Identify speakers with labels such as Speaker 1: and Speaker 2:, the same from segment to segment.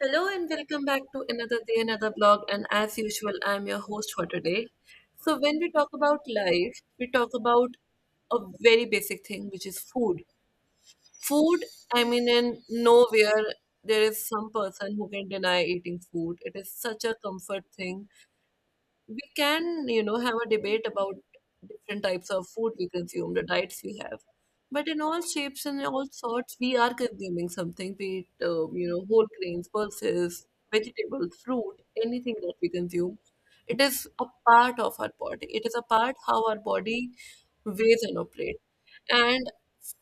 Speaker 1: Hello and welcome back to another day, another blog. And as usual, I'm your host for today. So, when we talk about life, we talk about a very basic thing, which is food. Food, I mean, in nowhere there is some person who can deny eating food. It is such a comfort thing we can have a debate about different types of food we consume, the diets we have, but in all shapes and all sorts we are consuming something, be it whole grains, pulses, vegetables, fruit, anything that we consume. It is a part of our body. It is a part how our body weighs and operates. And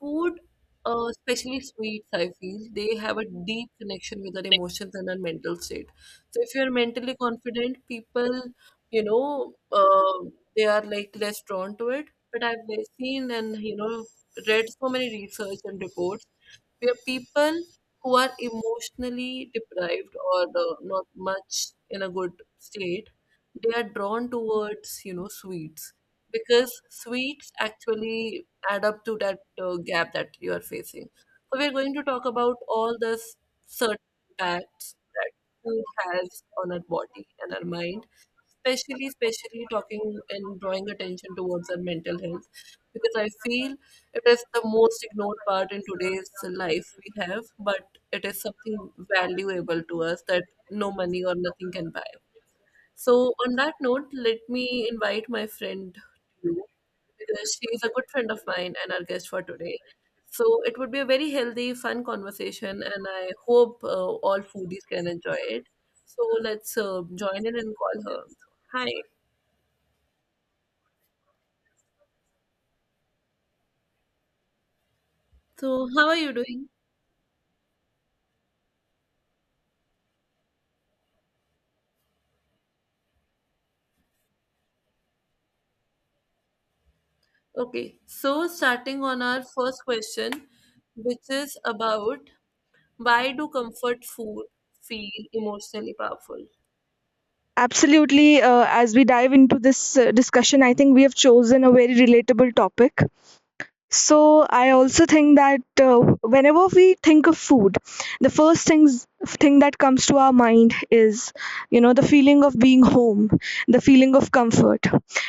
Speaker 1: food, especially sweets, I feel they have a deep connection with our emotions and our mental state. So if you're mentally confident, people, you know, uh, they are like less drawn to it. But I've seen and read so many research and reports. We are people who are emotionally deprived or not much in a good state. They are drawn towards, you know, sweets, because sweets actually add up to that gap that you are facing. So we're going to talk about all the certain impacts that food has on our body and our mind, especially talking and drawing attention towards our mental health, because I feel it is the most ignored part in today's life we have, but it is something valuable to us that no money or nothing can buy. So, on that note, let me invite my friend Lou, because she is a good friend of mine and our guest for today. So, it would be a very healthy, fun conversation, and I hope all foodies can enjoy it. So, let's join in and call her. Hi. So, how are you doing? Okay. So, starting on our first question, which is about why do comfort food feel emotionally powerful?
Speaker 2: Absolutely. As we dive into this discussion, I think we have chosen a very relatable topic, so I also think that whenever we think of food, the first things thing that comes to our mind is, you know, the feeling of being home, the feeling of comfort,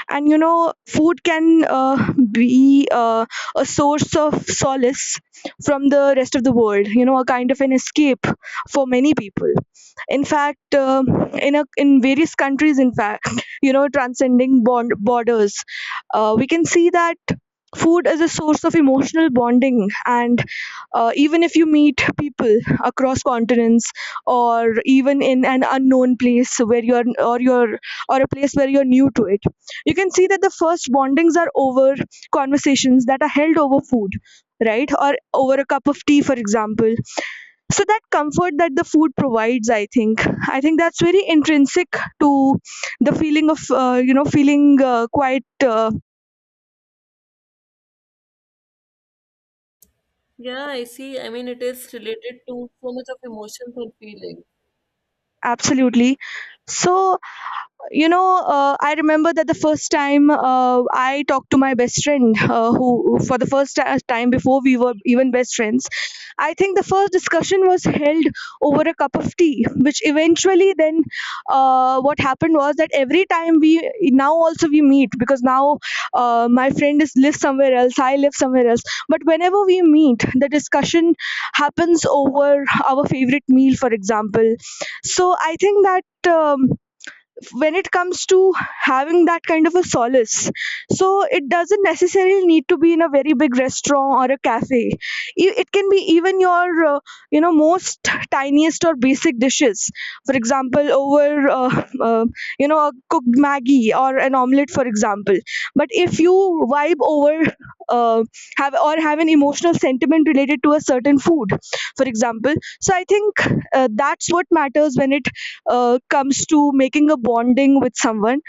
Speaker 2: and you know, food can be a source of solace from the rest of the world. You know, a kind of an escape for many people. In fact, in various countries, in fact, you know, transcending borders, we can see that food is a source of emotional bonding, and even if you meet people across continents, or even in an unknown place where you're or a place where you're new to it, you can see that the first bondings are over conversations that are held over food, right, or over a cup of tea, for example. So that comfort that the food provides, I think that's very intrinsic to the feeling of you know, feeling quite
Speaker 1: Yeah, I see. I mean, it is related to so much of emotions and feeling.
Speaker 2: absolutely. So you know, I remember that the first time I talked to my best friend, who for the first time before we were even best friends, I think the first discussion was held over a cup of tea, which eventually then, what happened was that every time we now also we meet, because now my friend is lives somewhere else, I live somewhere else, but whenever we meet, the discussion happens over our favorite meal, for example. So I think that. Um, when it comes to having that kind of a solace, so it doesn't necessarily need to be in a very big restaurant or a cafe, it can be even your you know, most tiniest or basic dishes, for example, over you know, a cooked maggie or an omelette, for example. But if you vibe over, uh, have or have an emotional sentiment related to a certain food, for example, so I think that's what matters when it comes to making a bonding with someone.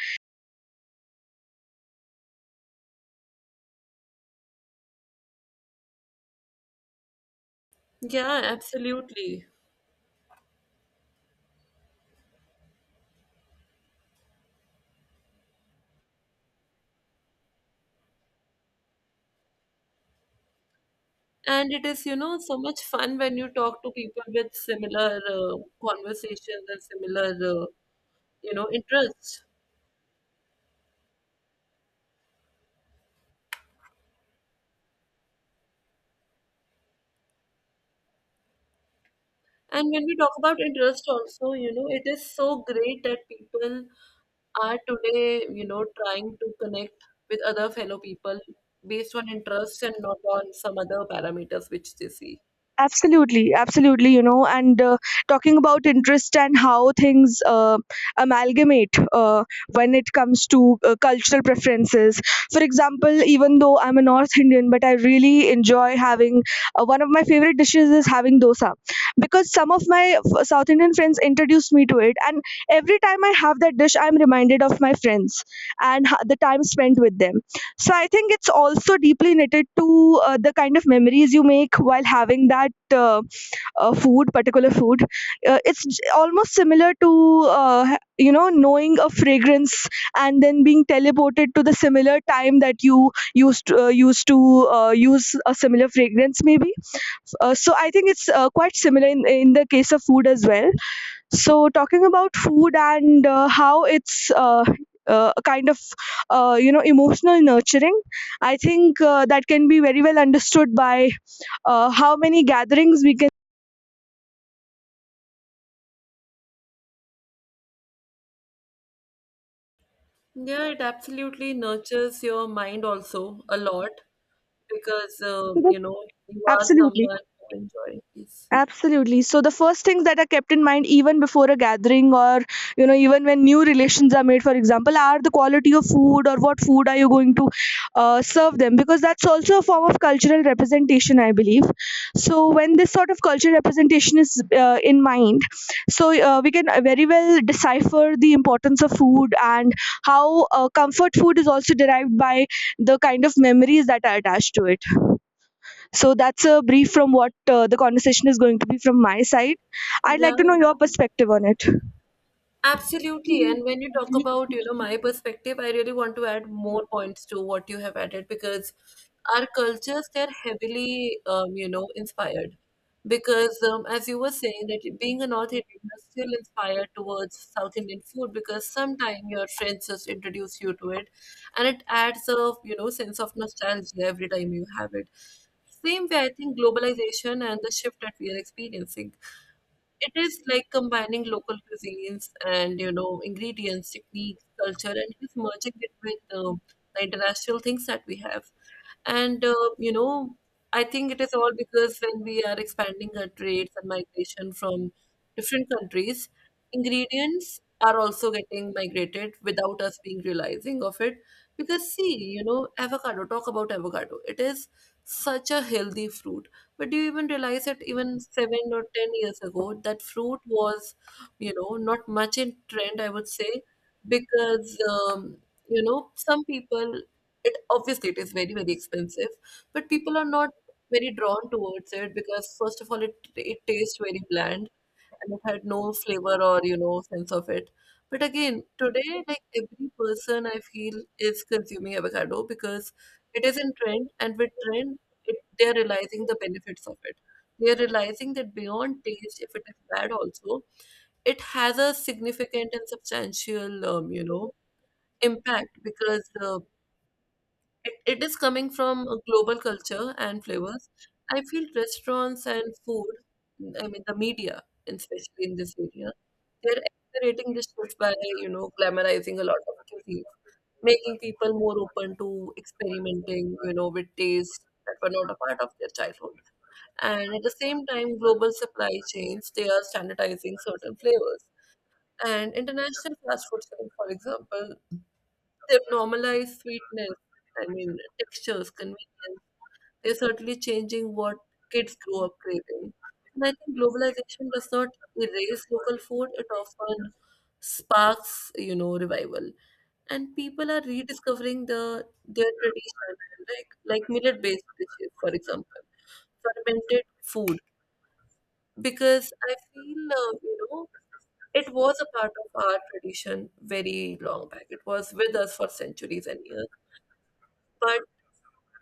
Speaker 1: Yeah, absolutely. And it is, so much fun when you talk to people with similar conversations and similar, interests. And when we talk about interest also, it is so great that people are today, trying to connect with other fellow people based on interest and not on some other parameters which they see.
Speaker 2: Absolutely, absolutely, you know, and talking about interest and how things amalgamate when it comes to cultural preferences, for example. Even though I'm a North Indian, but I really enjoy having, one of my favorite dishes is having dosa, because some of my South Indian friends introduced me to it, and every time I have that dish, I'm reminded of my friends and the time spent with them. So I think it's also deeply knitted to the kind of memories you make while having that food, particular food. It's almost similar to you know, knowing a fragrance and then being teleported to the similar time that you used to use a similar fragrance, maybe. So I think it's quite similar in the case of food as well. So talking about food and how it's a kind of you know, emotional nurturing, I think that can be very well understood by how many gatherings we can.
Speaker 1: Yeah, it absolutely nurtures your mind also a lot because you are
Speaker 2: Absolutely.
Speaker 1: someone who enjoys.
Speaker 2: Absolutely. So the first things that are kept in mind even before a gathering, or you know, even when new relations are made, for example, are the quality of food or what food are you going to serve them, because that's also a form of cultural representation, I believe. So when this sort of cultural representation is in mind, so we can very well decipher the importance of food and how comfort food is also derived by the kind of memories that are attached to it. So that's a brief from what the conversation is going to be from my side. I'd
Speaker 1: Yeah,
Speaker 2: like to know your perspective on it.
Speaker 1: absolutely. And when you talk about, my perspective, I really want to add more points to what you have added, because our cultures, they're heavily, inspired. Because as you were saying, that being a North Indian, you're still inspired towards South Indian food because sometime your friends just introduce you to it, and it adds a, sense of nostalgia every time you have it. Same way, I think globalization and the shift that we are experiencing, it is like combining local cuisines and ingredients, techniques, culture, and it is merging it with the international things that we have. And I think it is all because when we are expanding our trades and migration from different countries, ingredients are also getting migrated without us being realizing of it. Because see, avocado. Talk about avocado. It is such a healthy fruit, but do you even realize that even 7 or 10 years ago, that fruit was, not much in trend, I would say, because, some people, it obviously it is very, very expensive, but people are not very drawn towards it because, first of all, it tastes very bland and it had no flavor or sense of it. But again, today, like every person I feel is consuming avocado because it is in trend, and with trend, they're realizing the benefits of it. They're realizing that beyond taste, if it is bad, also, it has a significant and substantial, impact, because it is coming from a global culture and flavors. I feel restaurants and food, I mean the media, especially in this area, they're accelerating this shift by, glamorizing a lot of cuisines, making people more open to experimenting, with tastes that were not a part of their childhood. And at the same time, global supply chains, they are standardizing certain flavors. And international fast food chains, for example, they've normalized sweetness, I mean, textures, convenience. They're certainly changing what kids grow up craving. And I think globalization does not erase local food, it often sparks, revival. And people are rediscovering their tradition, like millet based dishes, for example, fermented food. Because I feel, it was a part of our tradition very long back. It was with us for centuries and years, but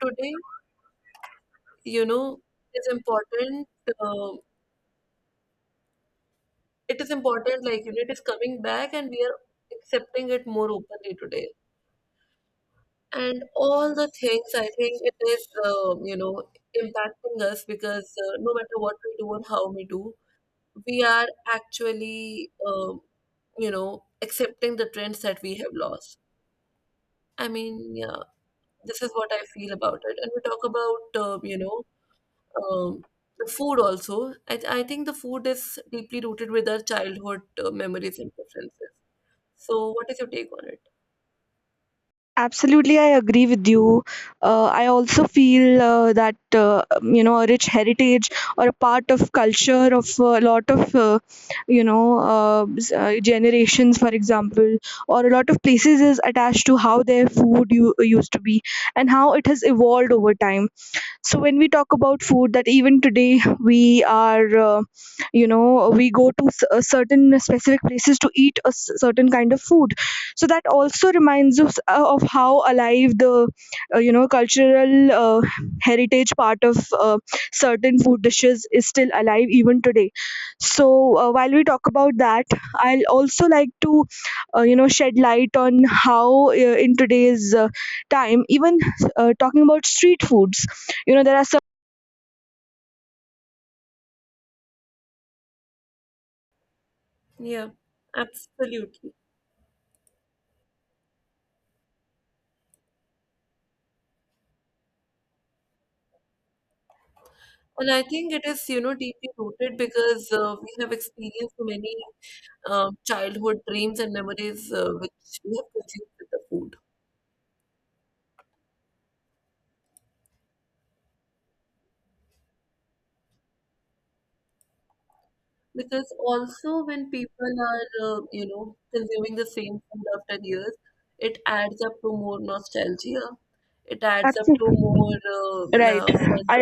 Speaker 1: today you know it's important. uh, it is important, like it is coming back and we are accepting it more openly today. And all the things, I think it is impacting us, because no matter what we do and how we do, we are actually accepting the trends that we have lost. I mean, yeah, this is what I feel about it. And we talk about Um, the food also. I think the food is deeply rooted with our childhood memories and preferences. So, what is your take on it?
Speaker 2: Absolutely, I agree with you. I also feel that you know, a rich heritage or a part of culture of a lot of you know, generations, for example, or a lot of places is attached to how their food used to be and how it has evolved over time. So when we talk about food, that even today we are you know, we go to a certain specific places to eat a certain kind of food, so that also reminds us of how alive the you know, cultural heritage part of certain food dishes is still alive even today. So while we talk about that, I'll also like to you know, shed light on how in today's time even, talking about street foods, you know, there are some.
Speaker 1: Yeah, absolutely. And I think it is, deeply rooted because we have experienced many childhood dreams and memories, which we have consumed with the food. Because also when people are, consuming the same food after years, it adds up to more nostalgia. It adds up to
Speaker 2: Absolutely.
Speaker 1: more, yeah, fun.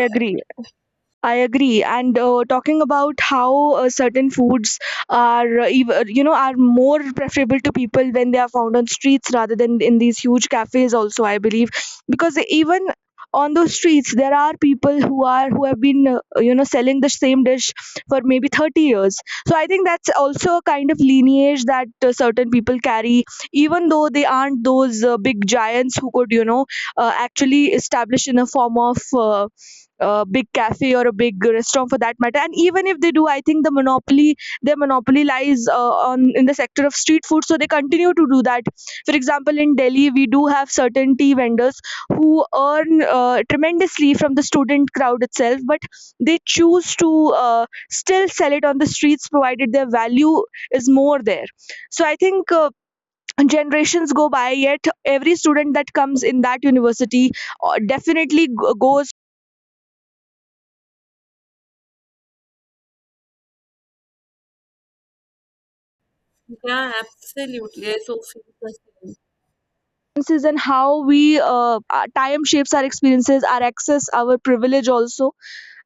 Speaker 2: I agree. And talking about how certain foods are, you know, are more preferable to people when they are found on streets rather than in these huge cafes. Also, I believe, because even on those streets, there are people who are, who have been you know, selling the same dish for maybe 30 years. So I think that's also a kind of lineage that certain people carry, even though they aren't those big giants who could, you know, actually establish in a form of a big cafe or a big restaurant, for that matter. And even if they do, I think their monopoly lies on in the sector of street food, so they continue to do that. For example, in Delhi, we do have certain tea vendors who earn tremendously from the student crowd itself, but they choose to still sell it on the streets, provided their value is more there. So I think generations go by, yet every student that comes in that university definitely goes,
Speaker 1: Yeah, absolutely. I so feel the same.
Speaker 2: experiences, and how we our time shapes our experiences, our access, our privilege also,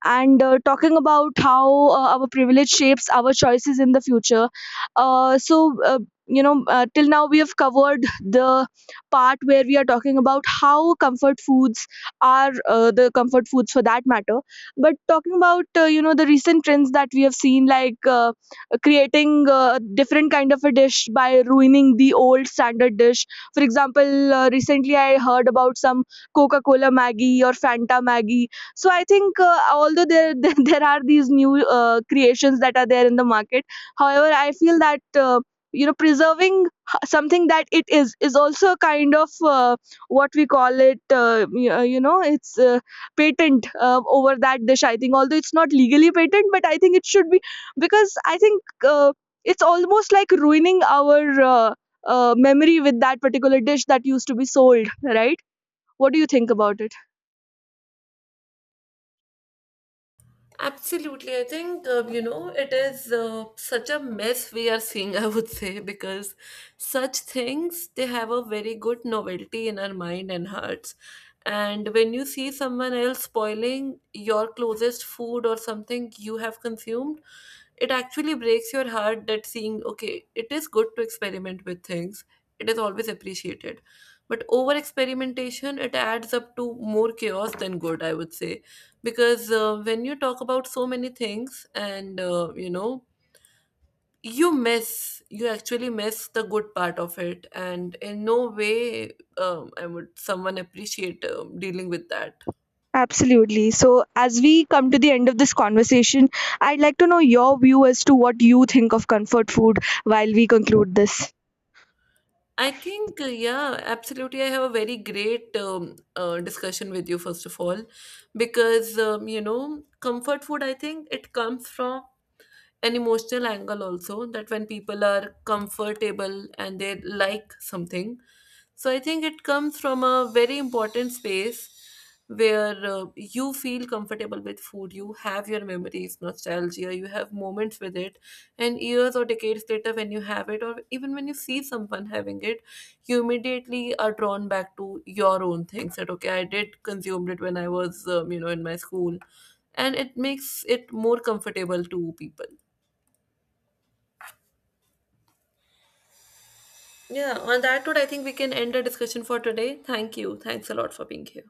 Speaker 2: and talking about how our privilege shapes our choices in the future. Uh, so, uh, you know, till now we have covered the part where we are talking about how comfort foods are the comfort foods, for that matter. But talking about, you know, the recent trends that we have seen, like creating a different kind of a dish by ruining the old standard dish. For example, recently I heard about some Coca Cola Maggie or Fanta Maggie. So I think although there there are these new creations that are there in the market, however, I feel that you know, preserving something that it is also a kind of what we call it, you know, it's patent over that dish, I think, although it's not legally patent, but I think it should be, because I think it's almost like ruining our uh, memory with that particular dish that used to be sold, right? What do you think about it?
Speaker 1: Absolutely. I think, it is such a mess we are seeing, I would say, because such things, they have a very good novelty in our mind and hearts. And when you see someone else spoiling your closest food or something you have consumed, it actually breaks your heart. That seeing, okay, it is good to experiment with things, it is always appreciated, but over experimentation it adds up to more chaos than good, I would say, because when you talk about so many things and you actually miss the good part of it, and in no way I would someone appreciate dealing with that.
Speaker 2: Absolutely. So, as we come to the end of this conversation, I'd like to know your view as to what you think of comfort food while we conclude this.
Speaker 1: I think, yeah, absolutely. I have a very great discussion with you, first of all, because, comfort food, I think it comes from an emotional angle also, that when people are comfortable and they like something, so I think it comes from a very important space where you feel comfortable with food, you have your memories, nostalgia, you have moments with it, and years or decades later when you have it, or even when you see someone having it, you immediately are drawn back to your own things, that okay, I did consume it when I was in my school. And it makes it more comfortable to people. Yeah, on that note, I think we can end our discussion for today. Thank you. Thanks a lot for being here.